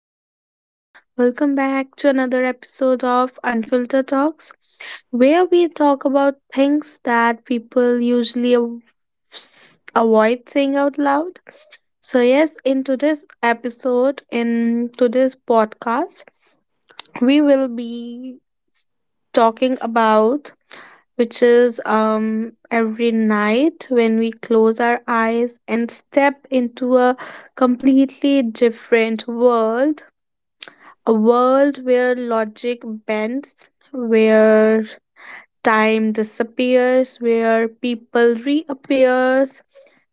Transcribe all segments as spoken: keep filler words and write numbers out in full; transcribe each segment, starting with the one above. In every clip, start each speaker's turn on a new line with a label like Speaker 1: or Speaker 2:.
Speaker 1: everyone. Welcome back to another episode of Unfiltered Talks, where we talk about things that people usually av- s- avoid saying out loud. So, yes, in today's episode, in today's podcast, we will be s- talking about which is um every night when we close our eyes and step into a completely different world, a world where logic bends, where time disappears, where people reappears,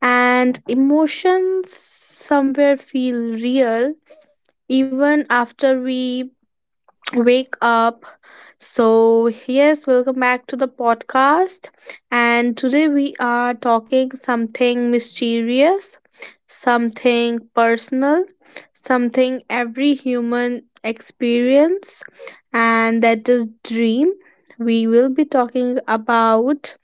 Speaker 1: and emotions somewhere feel real even after we wake up. So, yes, welcome back to the podcast. And today we are talking something mysterious, something personal, something every human experience, and that is dream. We will be talking about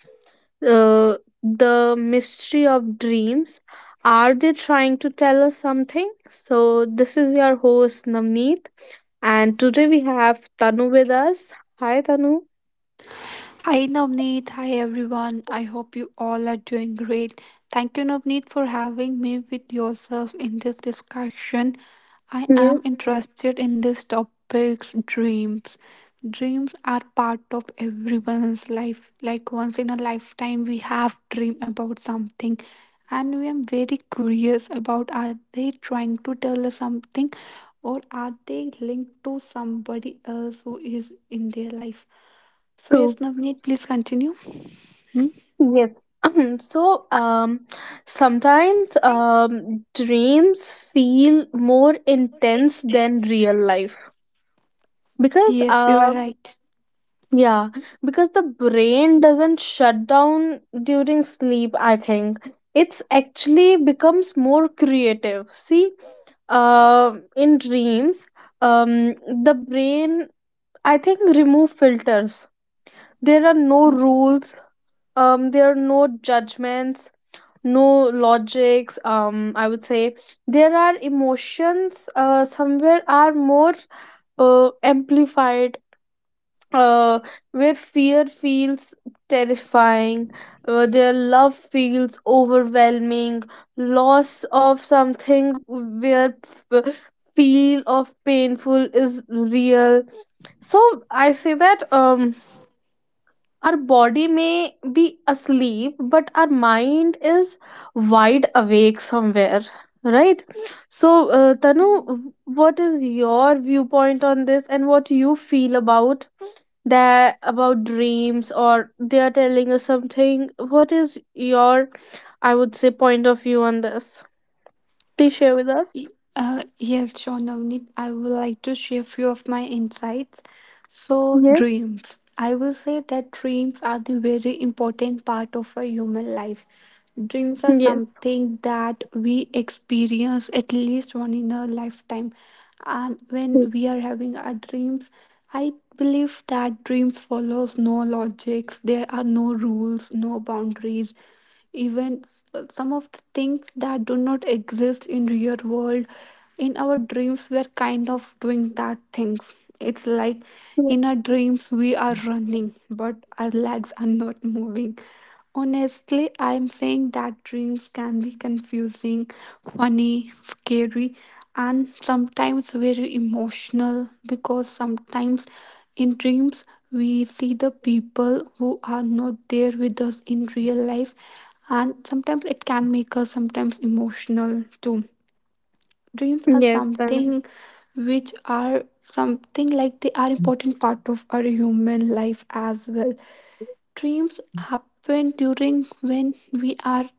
Speaker 1: uh, the mystery of dreams. Are they trying to tell us something? So, this is your host Navneet, and today we have Tanu with us. Hi, Tanu.
Speaker 2: Hi Navneet, hi everyone. I hope you all are doing great. Thank you Navneet for having me with yourself in this discussion. I am
Speaker 1: Yes,
Speaker 2: interested in this topic's dreams. Dreams are part of everyone's life. Like once in a lifetime we have dream about something and we am very curious about are they trying to tell us something or are they linked to somebody else who is in their life so yes,
Speaker 1: true.
Speaker 2: Navneet, please continue. Hmm?
Speaker 1: Yes, so, um, sometimes um, dreams feel more intense than real life because
Speaker 2: Yes, you are
Speaker 1: um,
Speaker 2: right.
Speaker 1: Yeah, because the brain doesn't shut down during sleep, I think. It's actually becomes more creative. See, uh, in dreams, um, the brain, I think, remove filters. There are no rules, um, there are no judgments, no logics, um, I would say. There are emotions, uh, somewhere are more uh, amplified, uh, where fear feels terrifying, uh, their love feels overwhelming, loss of something where f- feel of painful is real. So I say that um, our body may be asleep, but our mind is wide awake somewhere. Right, so uh, Tanu, what is your viewpoint on this, and what you feel about? That about dreams or they are telling us something, what is your, I would say, point of view on this? Please share with us.
Speaker 2: Y- Uh, yes, sure, Navneet. I would like to share few of my insights. So,
Speaker 1: Yes.
Speaker 2: dreams. I will say that dreams are the very important part of a human life. Dreams are
Speaker 1: Yes,
Speaker 2: something that we experience at least one in a lifetime. And when
Speaker 1: true,
Speaker 2: we are having our dreams, I believe that dreams follows no logics. There are no rules, no boundaries even s- some of the things that do not exist in real world in our dreams we are kind of doing that things. It's like
Speaker 1: true.
Speaker 2: in our dreams we are running, but our legs are not moving. Honestly, I'm saying that dreams can be confusing, funny, scary, and sometimes very emotional, because sometimes in dreams, we see the people who are not there with us in real life, and sometimes it can make us sometimes emotional too. Dreams are
Speaker 1: Yes, Tanmay.
Speaker 2: something which are something like they are important part of our human life as well. Dreams happen during when we are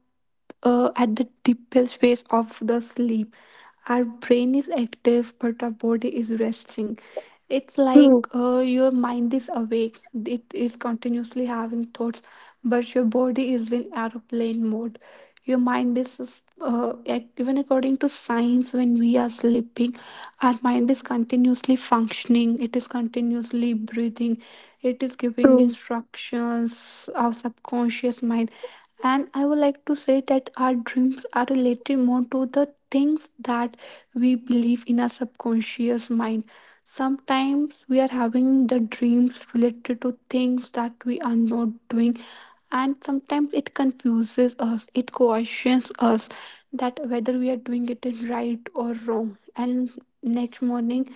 Speaker 2: uh, at the deepest phase of the sleep. Our brain is active, but our body is resting. It's like
Speaker 1: True.
Speaker 2: uh, your mind is awake, it is continuously having thoughts, but your body is in aeroplane mode. Your mind is, uh, ac- even according to science, when we are sleeping, our mind is continuously functioning, it is continuously breathing, it is giving
Speaker 1: True.
Speaker 2: instructions, our subconscious mind. And I would like to say that our dreams are related more to the things that we believe in our subconscious mind. Sometimes we are having the dreams related to things that we are not doing, and sometimes it confuses us, it questions us that whether we are doing it in right or wrong. And next morning,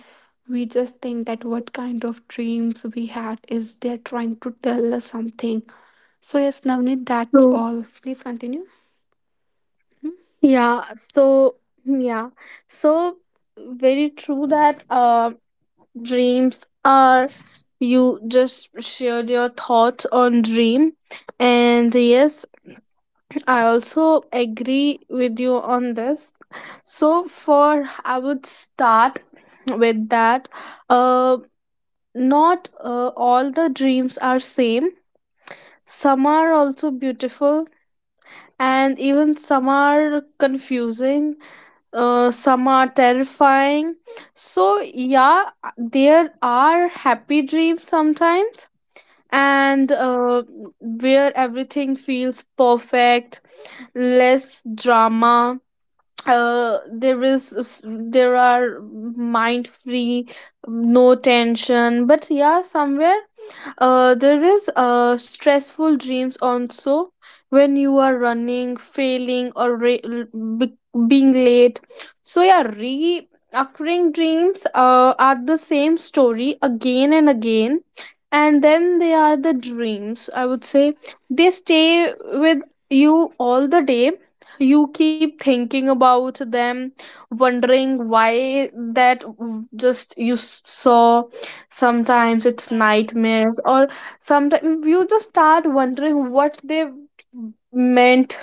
Speaker 2: we just think that what kind of dreams we had, is they're trying to tell us something. So yes, Navneet, that's
Speaker 1: True.
Speaker 2: all. Please continue. Hmm?
Speaker 1: Yeah so Yeah. So very true that uh, dreams are, you just shared your thoughts on dream, and yes, I also agree with you on this. So, for I would start with that. Uh, Not uh, all the dreams are same. Some are also beautiful, and even some are confusing. Uh, some are terrifying. So, yeah, there are happy dreams sometimes, and uh, where everything feels perfect, less drama, uh, there is there are mind free, no tension, but yeah, somewhere uh, there is uh, stressful dreams also, when you are running, failing, or re- l- be- being late. So yeah, reoccurring dreams uh, are the same story again and again, and then they are the dreams, I would say, they stay with you all the day. You keep thinking about them, wondering why that w- just you s- saw. Sometimes it's nightmares, or sometimes you just start wondering what they meant,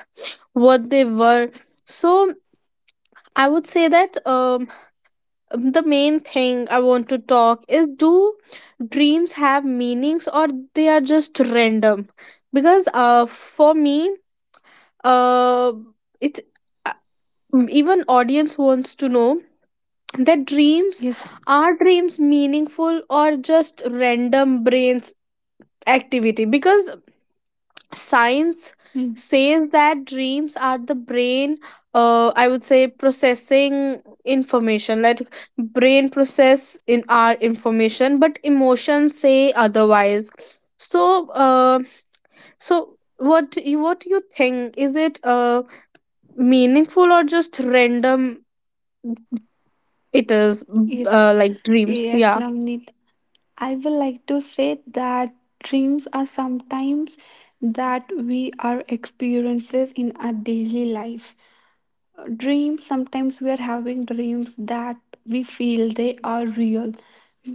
Speaker 1: what they were. So I would say that, um the main thing I want to talk is, do dreams have meanings, or they are just random? Because uh for me, uh it's, uh, even audience wants to know that dreams
Speaker 2: Yes.
Speaker 1: are, dreams meaningful or just random brain activity? Because science
Speaker 2: Hmm.
Speaker 1: says that dreams are the brain, uh, I would say, processing information, like brain process in our information, but emotions say otherwise. So uh, so what you what you think, is it uh, meaningful or just random? It is
Speaker 2: Yes.
Speaker 1: uh, like dreams,
Speaker 2: Yes,
Speaker 1: yeah.
Speaker 2: Navneet. I will like to say that dreams are sometimes that we are experiences in our daily life. Uh, dreams, sometimes we are having dreams that we feel they are real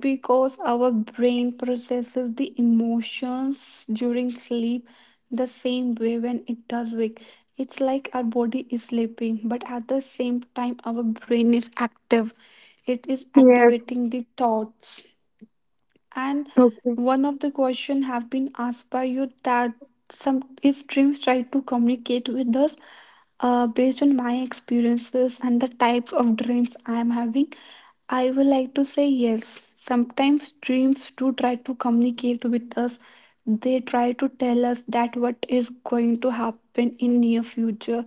Speaker 2: because our brain processes the emotions during sleep the same way when it does wake. It's like our body is sleeping, but at the same time our brain is active, it is
Speaker 1: Yes.
Speaker 2: activating the thoughts. And
Speaker 1: Okay.
Speaker 2: one of the question have been asked by you that some if dreams try to communicate with us, uh, based on my experiences and the types of dreams I am having, I would like to say yes. Sometimes dreams do try to communicate with us. They try to tell us that what is going to happen in near future,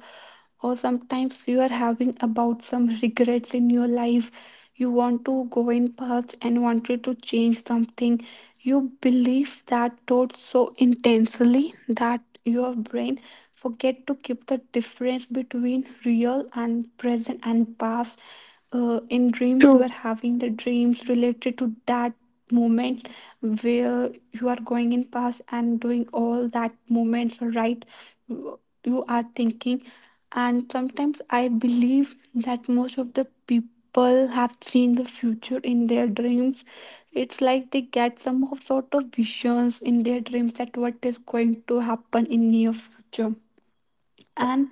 Speaker 2: or sometimes you are having about some regrets in your life, you want to go in past and wanted to change something, you believe that thought so intensely that your brain forget to keep the difference between real and present and past. Uh, in dreams you
Speaker 1: True.
Speaker 2: are having the dreams related to that moment where you are going in past and doing all that moments, right? You are thinking, and sometimes I believe that most of the people have seen the future in their dreams. It's like they get some of sort of visions in their dreams that what is going to happen in near future. And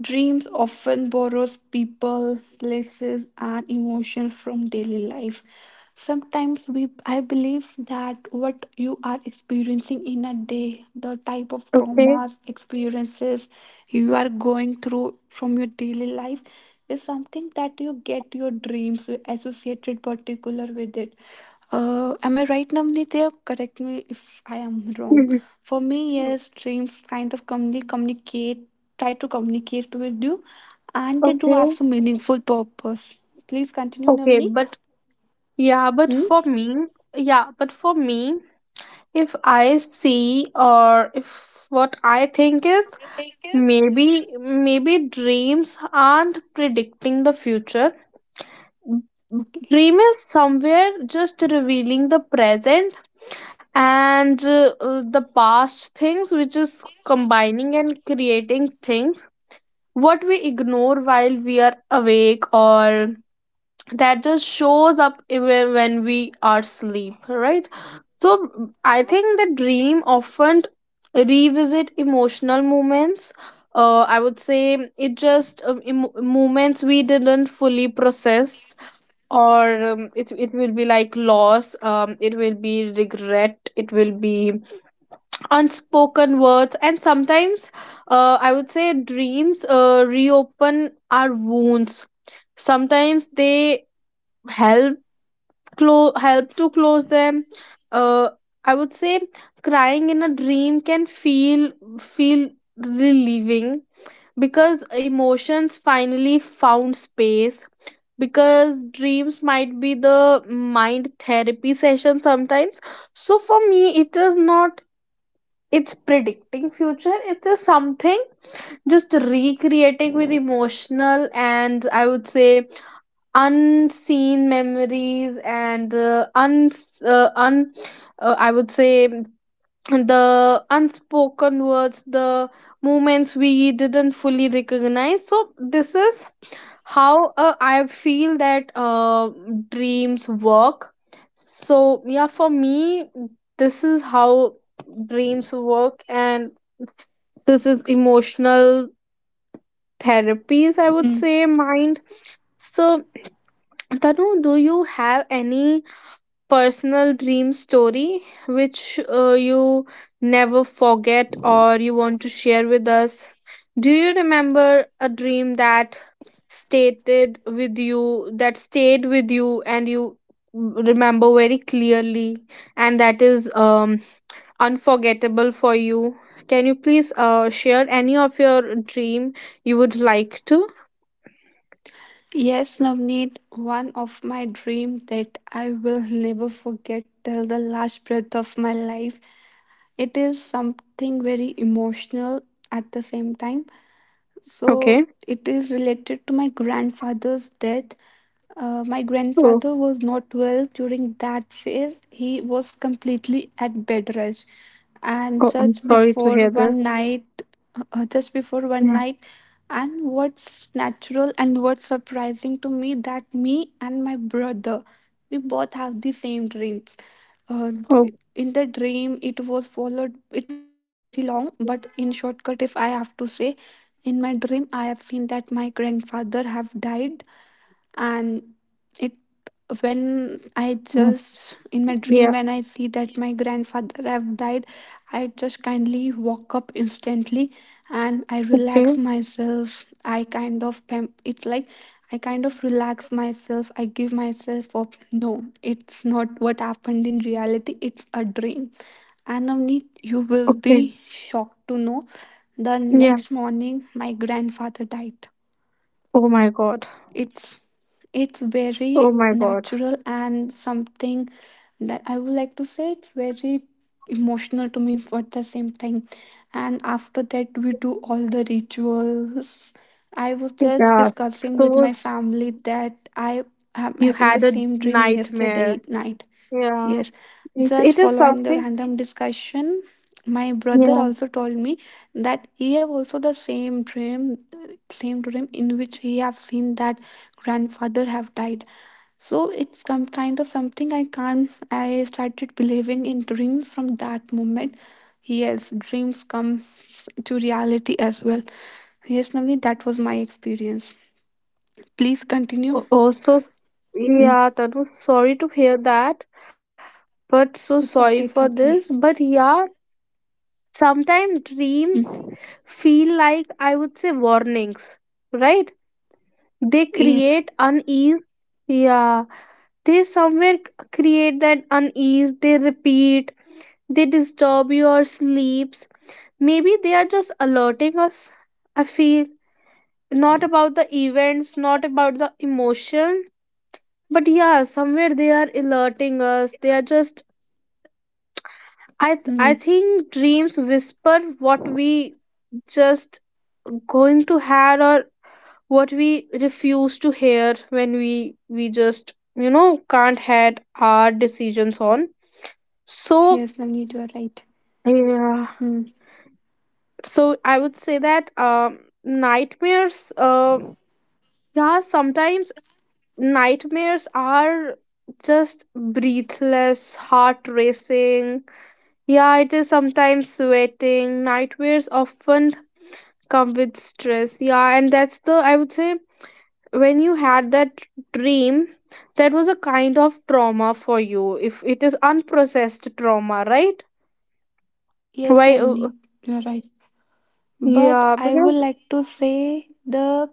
Speaker 2: dreams often borrows people, places, and emotions from daily life. Sometimes we, I believe that what you are experiencing in a day, the type of
Speaker 1: Okay.
Speaker 2: traumas, experiences you are going through from your daily life, is something that you get your dreams associated particular with it. Uh, am I right, Namnitya? Correct me if I am wrong.
Speaker 1: Mhm.
Speaker 2: For me, yes, dreams kind of commonly communicate, try to communicate with you, and they do have
Speaker 1: Okay.
Speaker 2: some meaningful purpose. Please continue,
Speaker 1: Okay,
Speaker 2: Navneet.
Speaker 1: but yeah, but
Speaker 2: Hmm?
Speaker 1: for me, yeah, but for me, if I see, or if what I think is, maybe, maybe dreams aren't predicting the future.
Speaker 2: Okay.
Speaker 1: Dream is somewhere just revealing the present, and uh, uh, the past things, which is combining and creating things what we ignore while we are awake, or that just shows up even when we are asleep, right? So mm, I think the dream often revisit emotional moments. uh, I would say it just um, em- moments we didn't fully process, or um, it, it will be like loss, um, it will be regret, it will be unspoken words. And sometimes, uh, I would say dreams uh, reopen our wounds, sometimes they help, clo- help to close them. uh, I would say, crying in a dream can feel feel relieving because emotions finally found space, because dreams might be the mind therapy session sometimes. So for me, it is not, it's predicting future, it is something just recreating with emotional and, I would say, unseen memories, and uh, uns uh, un uh, I would say the unspoken words, the moments we didn't fully recognize. So this is how, uh, I feel that, uh, dreams work. So yeah, for me, this is how dreams work, and this is emotional therapies, I would
Speaker 2: Hmm.
Speaker 1: say, mind. So Tanu, do you have any personal dream story which uh, you never forget or you want to share with us? Do you remember a dream that stated with you that stayed with you and you remember very clearly, and that is um unforgettable for you? Can you please uh share any of your dream you would like to?
Speaker 2: Yes, Navneet, one of my dreams that I will never forget till the last breath of my life. It is something very emotional at the same time. So
Speaker 1: Okay.
Speaker 2: it is related to my grandfather's death. Uh, my
Speaker 1: Oh,
Speaker 2: grandfather was not well during that phase. He was completely at bed rest, and
Speaker 1: oh, I'm
Speaker 2: just
Speaker 1: sorry to
Speaker 2: before
Speaker 1: hear
Speaker 2: one
Speaker 1: this.
Speaker 2: night, uh, just before one
Speaker 1: Yeah.
Speaker 2: night, and what's natural and what's surprising to me that me and my brother, we both have the same dreams. Uh, d-
Speaker 1: Oh.
Speaker 2: in the dream, it was followed. It was very long, but in shortcut, if I have to say, in my dream, I have seen that my grandfather have died, and it, when I
Speaker 1: Oh,
Speaker 2: just in my dream
Speaker 1: yeah.
Speaker 2: when I see that my grandfather have died, I just kindly walk up instantly and I
Speaker 1: Okay.
Speaker 2: relax myself. I kind of pam- It's like I kind of relax myself. I give myself up. No, it's not what happened in reality. It's a dream. And Navneet, you will
Speaker 1: Okay.
Speaker 2: be shocked to know the
Speaker 1: Yeah.
Speaker 2: next morning my grandfather died.
Speaker 1: Oh my God.
Speaker 2: It's it's very
Speaker 1: Oh my God.
Speaker 2: natural and something that I would like to say, it's very emotional to me for the same time. And after that we do all the rituals. I was just
Speaker 1: Yeah.
Speaker 2: discussing with
Speaker 1: So
Speaker 2: my
Speaker 1: s-
Speaker 2: family that I am
Speaker 1: you
Speaker 2: having the
Speaker 1: had a
Speaker 2: same dream yesterday
Speaker 1: nightmare.
Speaker 2: night.
Speaker 1: Yeah.
Speaker 2: Yes,
Speaker 1: It's,
Speaker 2: just
Speaker 1: it is
Speaker 2: following the
Speaker 1: something.
Speaker 2: random discussion, my brother
Speaker 1: Yeah.
Speaker 2: also told me that he have also the same dream, same dream in which he have seen that grandfather have died. So it's some kind of something I can't. I started believing in dreams from that moment. Yes, dreams come to reality as well. Yes, Navni, that was my experience. Please continue.
Speaker 1: Oh, oh, so
Speaker 2: Mm.
Speaker 1: yeah, Tanu, sorry to hear that, but so sorry
Speaker 2: It's
Speaker 1: for
Speaker 2: okay. It's
Speaker 1: this.
Speaker 2: okay.
Speaker 1: But yeah, sometimes dreams
Speaker 2: Mm.
Speaker 1: feel like, I would say, warnings, right? They
Speaker 2: Yes.
Speaker 1: create unease. Yeah. They somewhere c- create that unease. They repeat. They disturb your sleeps. Maybe they are just alerting us. I feel, not about the events, not about the emotion, but yeah, somewhere they are alerting us. They are just, I th- I think dreams whisper what we just going to hear, or what we refuse to hear when we we just, you know, can't had our decisions on. So
Speaker 2: Yes, Navneet, you are right.
Speaker 1: yeah,
Speaker 2: Hmm.
Speaker 1: so I would say that, um, nightmares, uh, yeah, sometimes nightmares are just breathless, heart racing, yeah, it is sometimes sweating. Nightmares often come with stress, yeah, and that's the, I would say, when you had that dream, that was a kind of trauma for you, if it is unprocessed trauma, right?
Speaker 2: Yes,
Speaker 1: why uh,
Speaker 2: Navneet, you are right. But
Speaker 1: yeah,
Speaker 2: I would
Speaker 1: because
Speaker 2: like to say the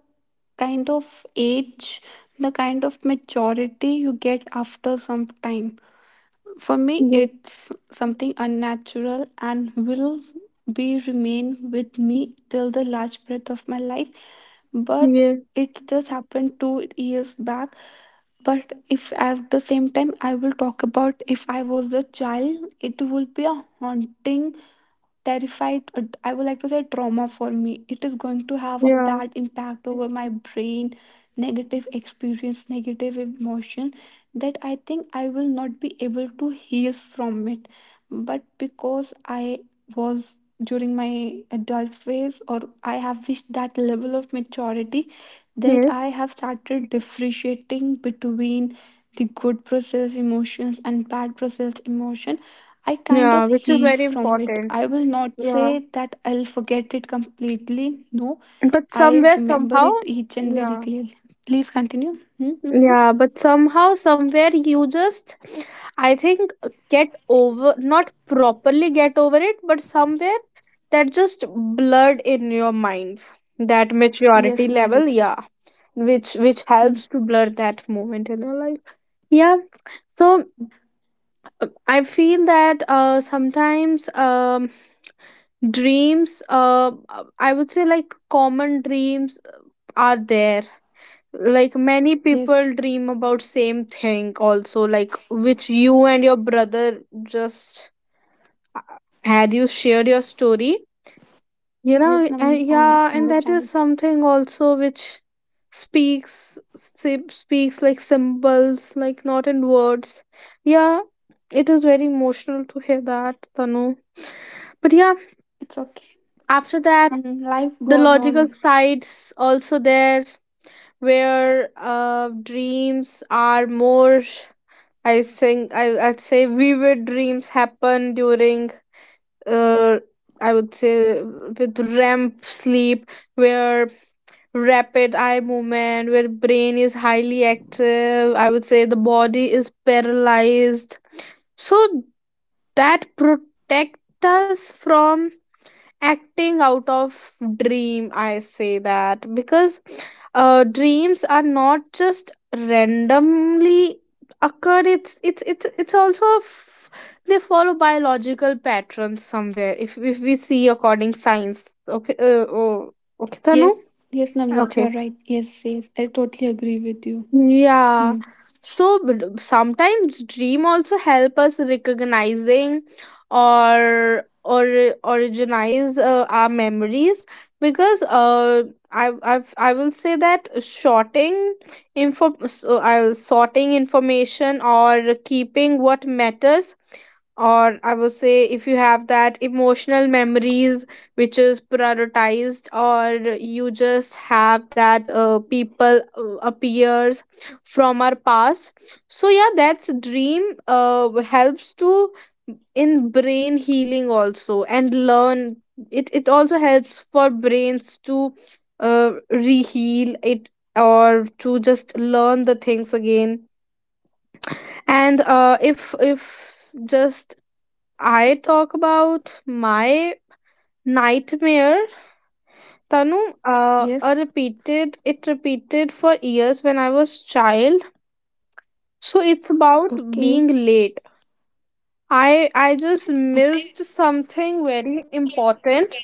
Speaker 2: kind of age, the kind of maturity you get after some time. For me,
Speaker 1: yes,
Speaker 2: it's something unnatural and will be remain with me till the last breath of my life, but
Speaker 1: yes,
Speaker 2: it just happened two years back. But if at the same time I will talk about, if I was a child, it will be a haunting, terrified, uh, I would like to say trauma for me. It is going to have a
Speaker 1: yeah,
Speaker 2: bad impact over my brain, negative experience, negative emotion, that I think I will not be able to heal from it. But because I was during my adult phase, or I have reached that level of maturity that I
Speaker 1: yes.
Speaker 2: have started differentiating between the good process emotions and bad process emotion, I kind
Speaker 1: Yeah,
Speaker 2: of
Speaker 1: which is
Speaker 2: healed
Speaker 1: very
Speaker 2: from it.
Speaker 1: important.
Speaker 2: I will not
Speaker 1: Yeah.
Speaker 2: say that I'll forget it completely. No,
Speaker 1: But
Speaker 2: I
Speaker 1: somewhere,
Speaker 2: remember
Speaker 1: somehow,
Speaker 2: it each and very
Speaker 1: yeah.
Speaker 2: clearly. Please continue. Mm-hmm.
Speaker 1: Yeah, but somehow, somewhere, you just, I think, get over, not properly get over it, but somewhere that just blurred in your mind. That
Speaker 2: Yes,
Speaker 1: maturity level,
Speaker 2: Navneet.
Speaker 1: yeah, which which
Speaker 2: Hmm.
Speaker 1: helps to blur that moment in your life. Yeah. So uh, I feel that, uh, sometimes um, dreams, uh I would say, like common dreams, uh, are there, like many
Speaker 2: Yes,
Speaker 1: people dream about same thing also, like which you and your brother just uh, had, you shared your story, you
Speaker 2: yes,
Speaker 1: know,
Speaker 2: Navneet.
Speaker 1: and
Speaker 2: I'm
Speaker 1: yeah, and that
Speaker 2: understanding.
Speaker 1: is something also which speaks sp- speaks like symbols, like not in words, yeah. It is very emotional to hear that, Tanu, but yeah,
Speaker 2: It's okay.
Speaker 1: after that,
Speaker 2: Mhm. Life
Speaker 1: the
Speaker 2: goes
Speaker 1: logical
Speaker 2: on.
Speaker 1: sides also there, where uh, dreams are more, I think, I, I'd say vivid dreams happen during, uh, I would say, with R E M sleep, where rapid eye movement, where brain is highly active, I would say the body is paralyzed, so that protect us from acting out of dream. I say that because uh, dreams are not just randomly occurred, it's it's it's it's also f- they follow biological patterns somewhere, if if we see according science, okay. uh, oh, okay, Tanu,
Speaker 2: Yes, yes, Navneet, you
Speaker 1: okay,
Speaker 2: are right. Yes, yes, I totally agree with you.
Speaker 1: yeah.
Speaker 2: Hmm.
Speaker 1: So but sometimes dream also help us recognizing, or or originize uh, our memories, because uh I I've, I will say that sorting info, so, uh, sorting information, or keeping what matters, or I would say, if you have that emotional memories which is prioritized, or you just have that uh, people uh, appears from our past. So yeah, that's dream uh, helps to in brain healing also and learn, it it also helps for brains to uh, reheal it, or to just learn the things again. And uh, if if just I talk about my nightmare, Tanu, uh, a
Speaker 2: Yes.
Speaker 1: repeated, it repeated for years when I was child. So it's about
Speaker 2: Okay.
Speaker 1: being late, I I just missed something very important,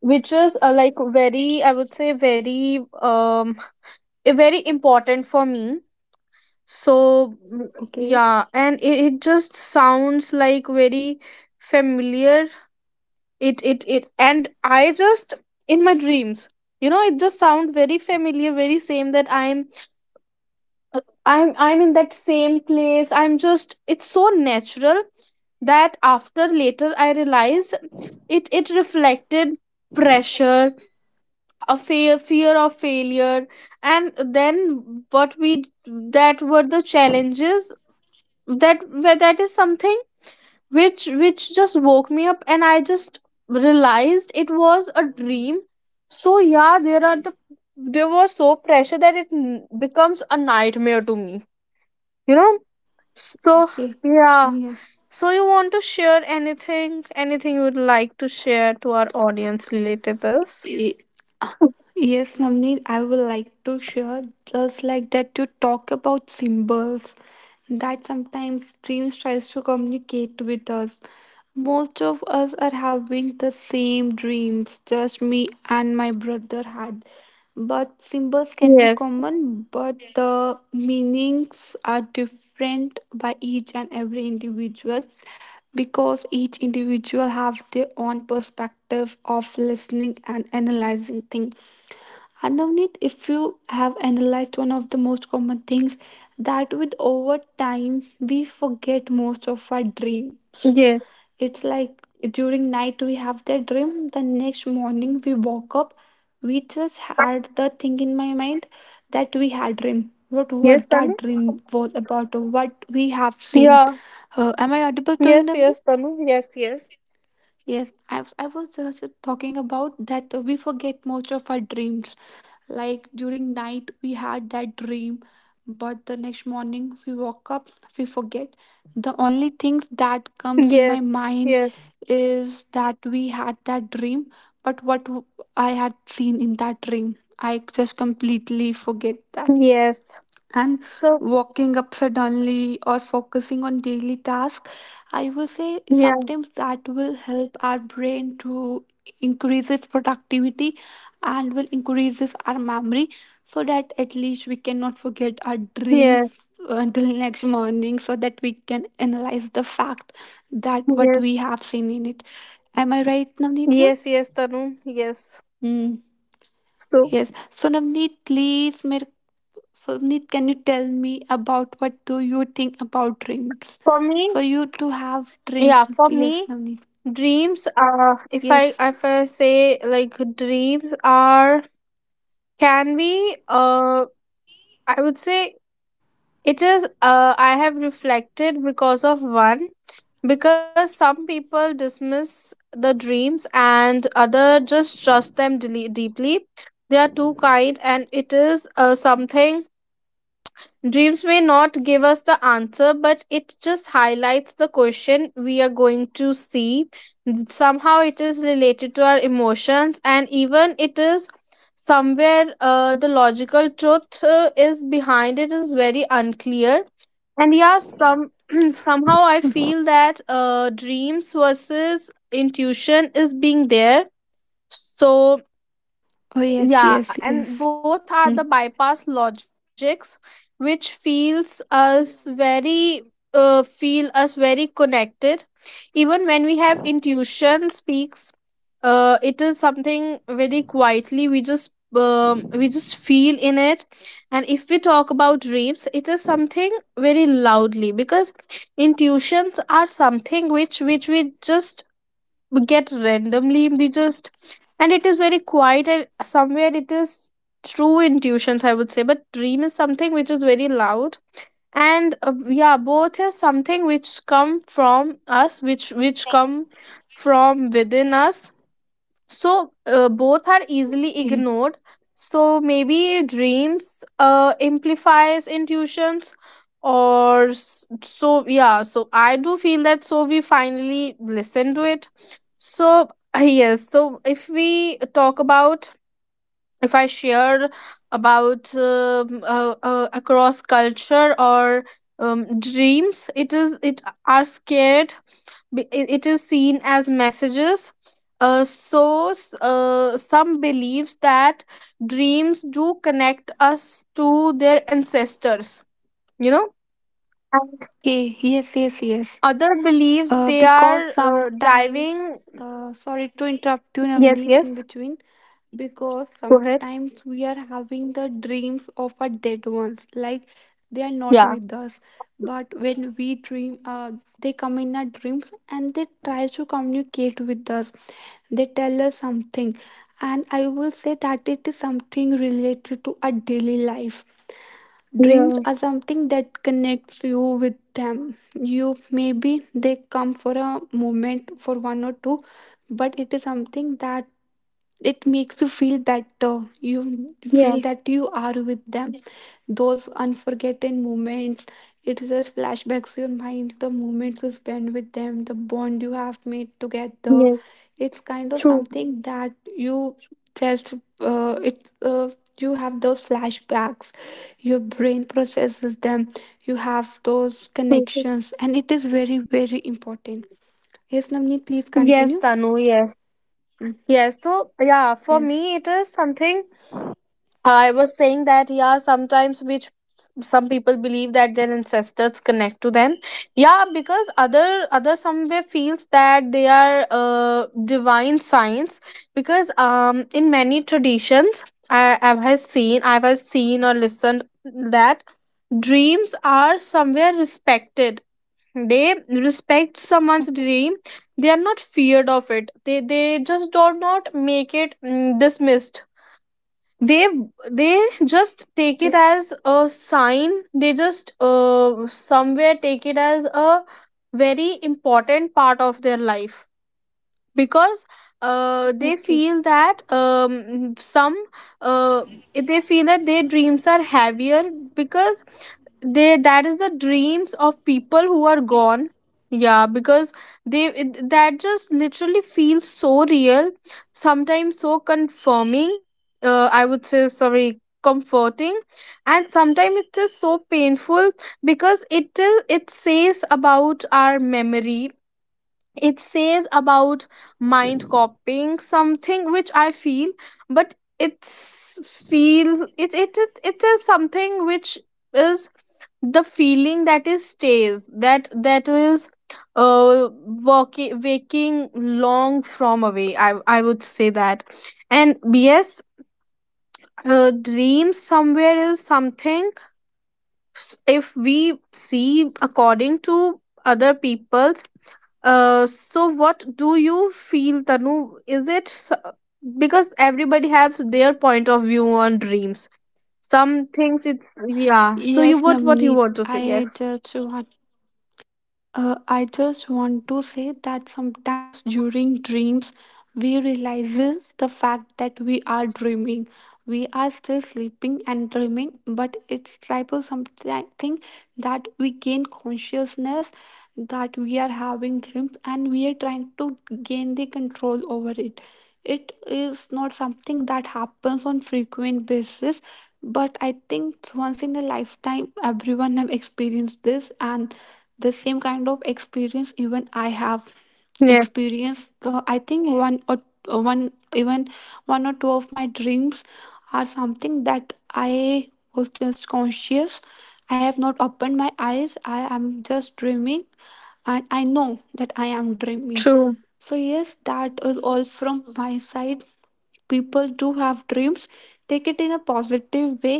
Speaker 1: which is uh, like very, I would say, very um eh, very important for me. So mm,
Speaker 2: Okay.
Speaker 1: yeah, and it, it just sounds like very familiar. It it it And I just, in my dreams, you know, it just sound very familiar, very same, that I'm I'm I'm in that same place. I'm just, it's so natural that after, later I realized it, it reflected pressure, a fear fear of failure, and then what we, that were the challenges, that where, that is something which which just woke me up, and I just realized it was a dream. So yeah, there are the, there was so pressure that it n- becomes a nightmare to me. You know, so,
Speaker 2: Okay. Oh,
Speaker 1: yeah.
Speaker 2: yes.
Speaker 1: So you want to share anything, anything you would like to share to our audience related this?
Speaker 2: Yes, Navneet, I would like to share just like that you talk about symbols, that sometimes dreams tries to communicate with us. Most of us are having the same dreams, just me and my brother had. But symbols can be
Speaker 1: Yes.
Speaker 2: common, but the meanings are different by each and every individual, because each individual have their own perspective of listening and analyzing things. And Navneet, if you have analyzed one of the most common things, that with over time we forget most of our dreams.
Speaker 1: Yes.
Speaker 2: It's like during night we have that dream, the next morning we woke up, we just had the thing in my mind that we had dream. What
Speaker 1: Yes,
Speaker 2: what
Speaker 1: Tanu?
Speaker 2: that dream was about, or what we have seen.
Speaker 1: Yeah.
Speaker 2: Uh, am I audible to you,
Speaker 1: Yes, yes,
Speaker 2: Navneet?
Speaker 1: Tanu. Yes, yes.
Speaker 2: Yes, I was, I was just talking about that we forget most of our dreams. Like during night we had that dream, but the next morning we woke up, we forget. The only things that comes in my
Speaker 1: Yes.
Speaker 2: mind
Speaker 1: Yes.
Speaker 2: is that we had that dream, but what w- I had seen in that dream, I just completely forget that.
Speaker 1: Yes.
Speaker 2: And
Speaker 1: So,
Speaker 2: walking up suddenly or focusing on daily tasks, I would say,
Speaker 1: yeah.
Speaker 2: sometimes that will help our brain to increase its productivity and will increases our memory, so that at least we cannot forget our dream
Speaker 1: Yes.
Speaker 2: until next morning, so that we can analyze the fact that what we
Speaker 1: Yes.
Speaker 2: have seen in it. Am I right, Navneet, here?
Speaker 1: Yes, yes, Tanu. Yes.
Speaker 2: Hmm.
Speaker 1: So,
Speaker 2: yes so navneet please mere So, Neet, can you tell me about what do you think about dreams?
Speaker 1: for me,
Speaker 2: So, you do have
Speaker 1: yeah,
Speaker 2: dreams.
Speaker 1: for
Speaker 2: Yes,
Speaker 1: me,
Speaker 2: Navneet.
Speaker 1: dreams are, if I,
Speaker 2: Yes.
Speaker 1: if I say like dreams are Can be, Uh, I would say it is. Uh, I have reflected because of one, because some people dismiss the dreams and other just trust them dele- deeply. They are too kind, and it is uh, something. Dreams may not give us the answer, but it just highlights the question we are going to see. Somehow it is related to our emotions, and even it is somewhere uh, the logical truth uh, is behind it is very unclear. And yeah, some somehow I feel that uh, dreams versus intuition is being there. So
Speaker 2: Oh, yes, yes,
Speaker 1: yeah,
Speaker 2: yes.
Speaker 1: and both are the bypass logics, which feels us very uh, feel us very connected. Even when we have intuition speaks, uh, it is something very quietly we just um, we just feel in it. And if we talk about dreams, it is something very loudly because intuitions are something which which we just we get randomly we just and it is very quiet and somewhere it is true intuitions I would say, but dream is something which is very loud. And uh, yeah, both is something which come from us which which come from within us. So uh, both are easily
Speaker 2: Okay.
Speaker 1: ignored, so maybe dreams uh, amplifies intuitions or s- so yeah, so I do feel that so we finally listen to it. So uh, yes, so if we talk about, if I share about um, uh, uh, across culture or um, dreams, it is, it are scared. Be- it it is seen as messages. uh, so s- uh, some believes that dreams do connect us to their ancestors, you know. And
Speaker 2: Okay. Yes, yes, yes.
Speaker 1: other believes
Speaker 2: Uh,
Speaker 1: they
Speaker 2: because
Speaker 1: are uh,
Speaker 2: sometimes,
Speaker 1: diving.
Speaker 2: uh, sorry to interrupt you,
Speaker 1: Yes,
Speaker 2: Navneet, in
Speaker 1: yes,
Speaker 2: between. Because
Speaker 1: go ahead.
Speaker 2: sometimes we are having the dreams of our dead ones, like they are not with
Speaker 1: Yeah
Speaker 2: us, but when we dream uh, they come in our dreams and they try to communicate with us, they tell us something. And I will say that it is something related to our daily life. Dreams
Speaker 1: Yeah,
Speaker 2: are something that connects you with them. You, maybe they come for a moment for one or two, but it is something that it makes you feel better, you
Speaker 1: yeah,
Speaker 2: feel that you are with them, those unforgotten moments. It just flashbacks your mind, the moments you spend with them, the bond you have made together.
Speaker 1: yes,
Speaker 2: It's kind of
Speaker 1: true.
Speaker 2: something that you just, uh, it uh, you have those flashbacks, your brain processes them, you have those connections, and it is very very important. Yes, Namni, please
Speaker 1: Yes,
Speaker 2: continue.
Speaker 1: Tanu, yes.
Speaker 2: Mm,
Speaker 1: Yes, so yeah, for
Speaker 2: yes.
Speaker 1: me it is something. I was saying that yeah, sometimes which some people believe that their ancestors connect to them. Yeah, because other other somewhere feels that they are uh, divine signs, because um, in many traditions I I have seen, I have seen or listened that dreams are somewhere respected. They respect
Speaker 2: Oh,
Speaker 1: someone's dream. They are not feared of it, they they just do not make it mm, dismissed. they they just take it
Speaker 2: okay.
Speaker 1: as a sign. They just uh, somewhere take it as a very important part of their life, because uh, they
Speaker 2: Okay.
Speaker 1: feel that um, some uh, they feel that their dreams are heavier, because they, that is the dreams of people who are gone. Yeah, because they it, that just literally feels so real, sometimes so confirming, uh, I would say, sorry, comforting. And sometimes it's just so painful, because it is, it says about our memory, it says about mind copying something which I feel. But it's feel it it it, it is something which is the feeling that is stays, that that is uh working, waking long from away, i i would say that. And yes, uh, dreams somewhere is something, s- if we see according to other people's, uh, so what do you feel, Tanu, is it s- because everybody has their point of view on dreams. Some things it's yeah, so you,
Speaker 2: Yes,
Speaker 1: what what you
Speaker 2: Navneet,
Speaker 1: want to say,
Speaker 2: I
Speaker 1: yes.
Speaker 2: just want, uh, I just want to say that sometimes during dreams, we realizes the fact that we are dreaming. We are still sleeping and dreaming, but it's type of something that we gain consciousness, that we are having dreams and we are trying to gain the control over it. It is not something that happens on frequent basis, but I think once in a lifetime everyone have experienced this. And the same kind of experience even I have
Speaker 1: Yeah,
Speaker 2: experienced. So I think one or one even one or two of my dreams are something that I was just conscious. I have not opened my eyes, I am just dreaming, and I know that I am dreaming.
Speaker 1: true.
Speaker 2: So yes, that is all from my side. People do have dreams, take it in a positive way,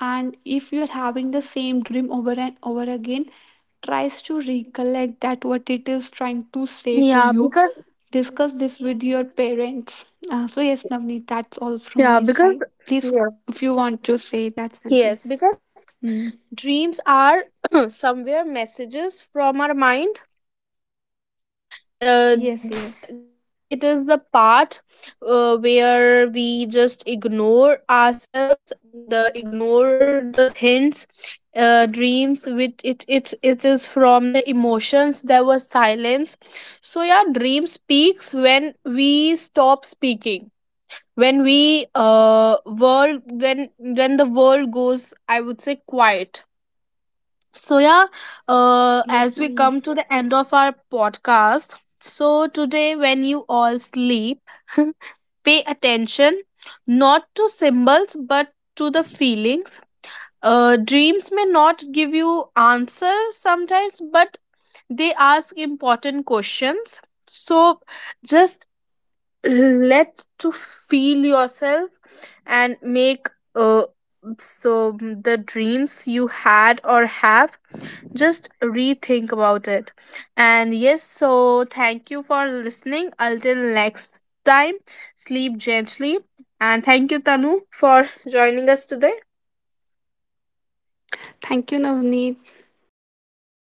Speaker 2: and if you're having the same dream over and over again, tries to recollect that what it is trying to say to
Speaker 1: Yeah,
Speaker 2: you.
Speaker 1: because.
Speaker 2: Discuss this with your parents. Uh, so yes, Navneet, that's all from
Speaker 1: Yeah,
Speaker 2: my
Speaker 1: because,
Speaker 2: side. Please,
Speaker 1: yes,
Speaker 2: if you want to say that something.
Speaker 1: yes, because
Speaker 2: Hmm.
Speaker 1: dreams are somewhere messages from our mind. Uh,
Speaker 2: Yes,
Speaker 1: there
Speaker 2: yes,
Speaker 1: it is, it is the part uh, where we just ignore ourselves, the ignore the hints. Uh, dreams with it, it it is from the emotions, there was silence. So yeah, dream speaks when we stop speaking, when we uh world, when when the world goes, I would say, quiet. So, yeah, uh,
Speaker 2: yes,
Speaker 1: as we
Speaker 2: Navneet.
Speaker 1: come to the end of our podcast, so today, when you all sleep, pay attention not to symbols but to the feelings. Uh, dreams may not give you answers sometimes, but they ask important questions. So, just let to feel yourself and make uh, so the dreams you had or have, just rethink about it. And yes, so thank you for listening. Until next time, sleep gently. And thank you, Tanu, for joining us today.
Speaker 2: Thank you, Navneet.
Speaker 1: Yes.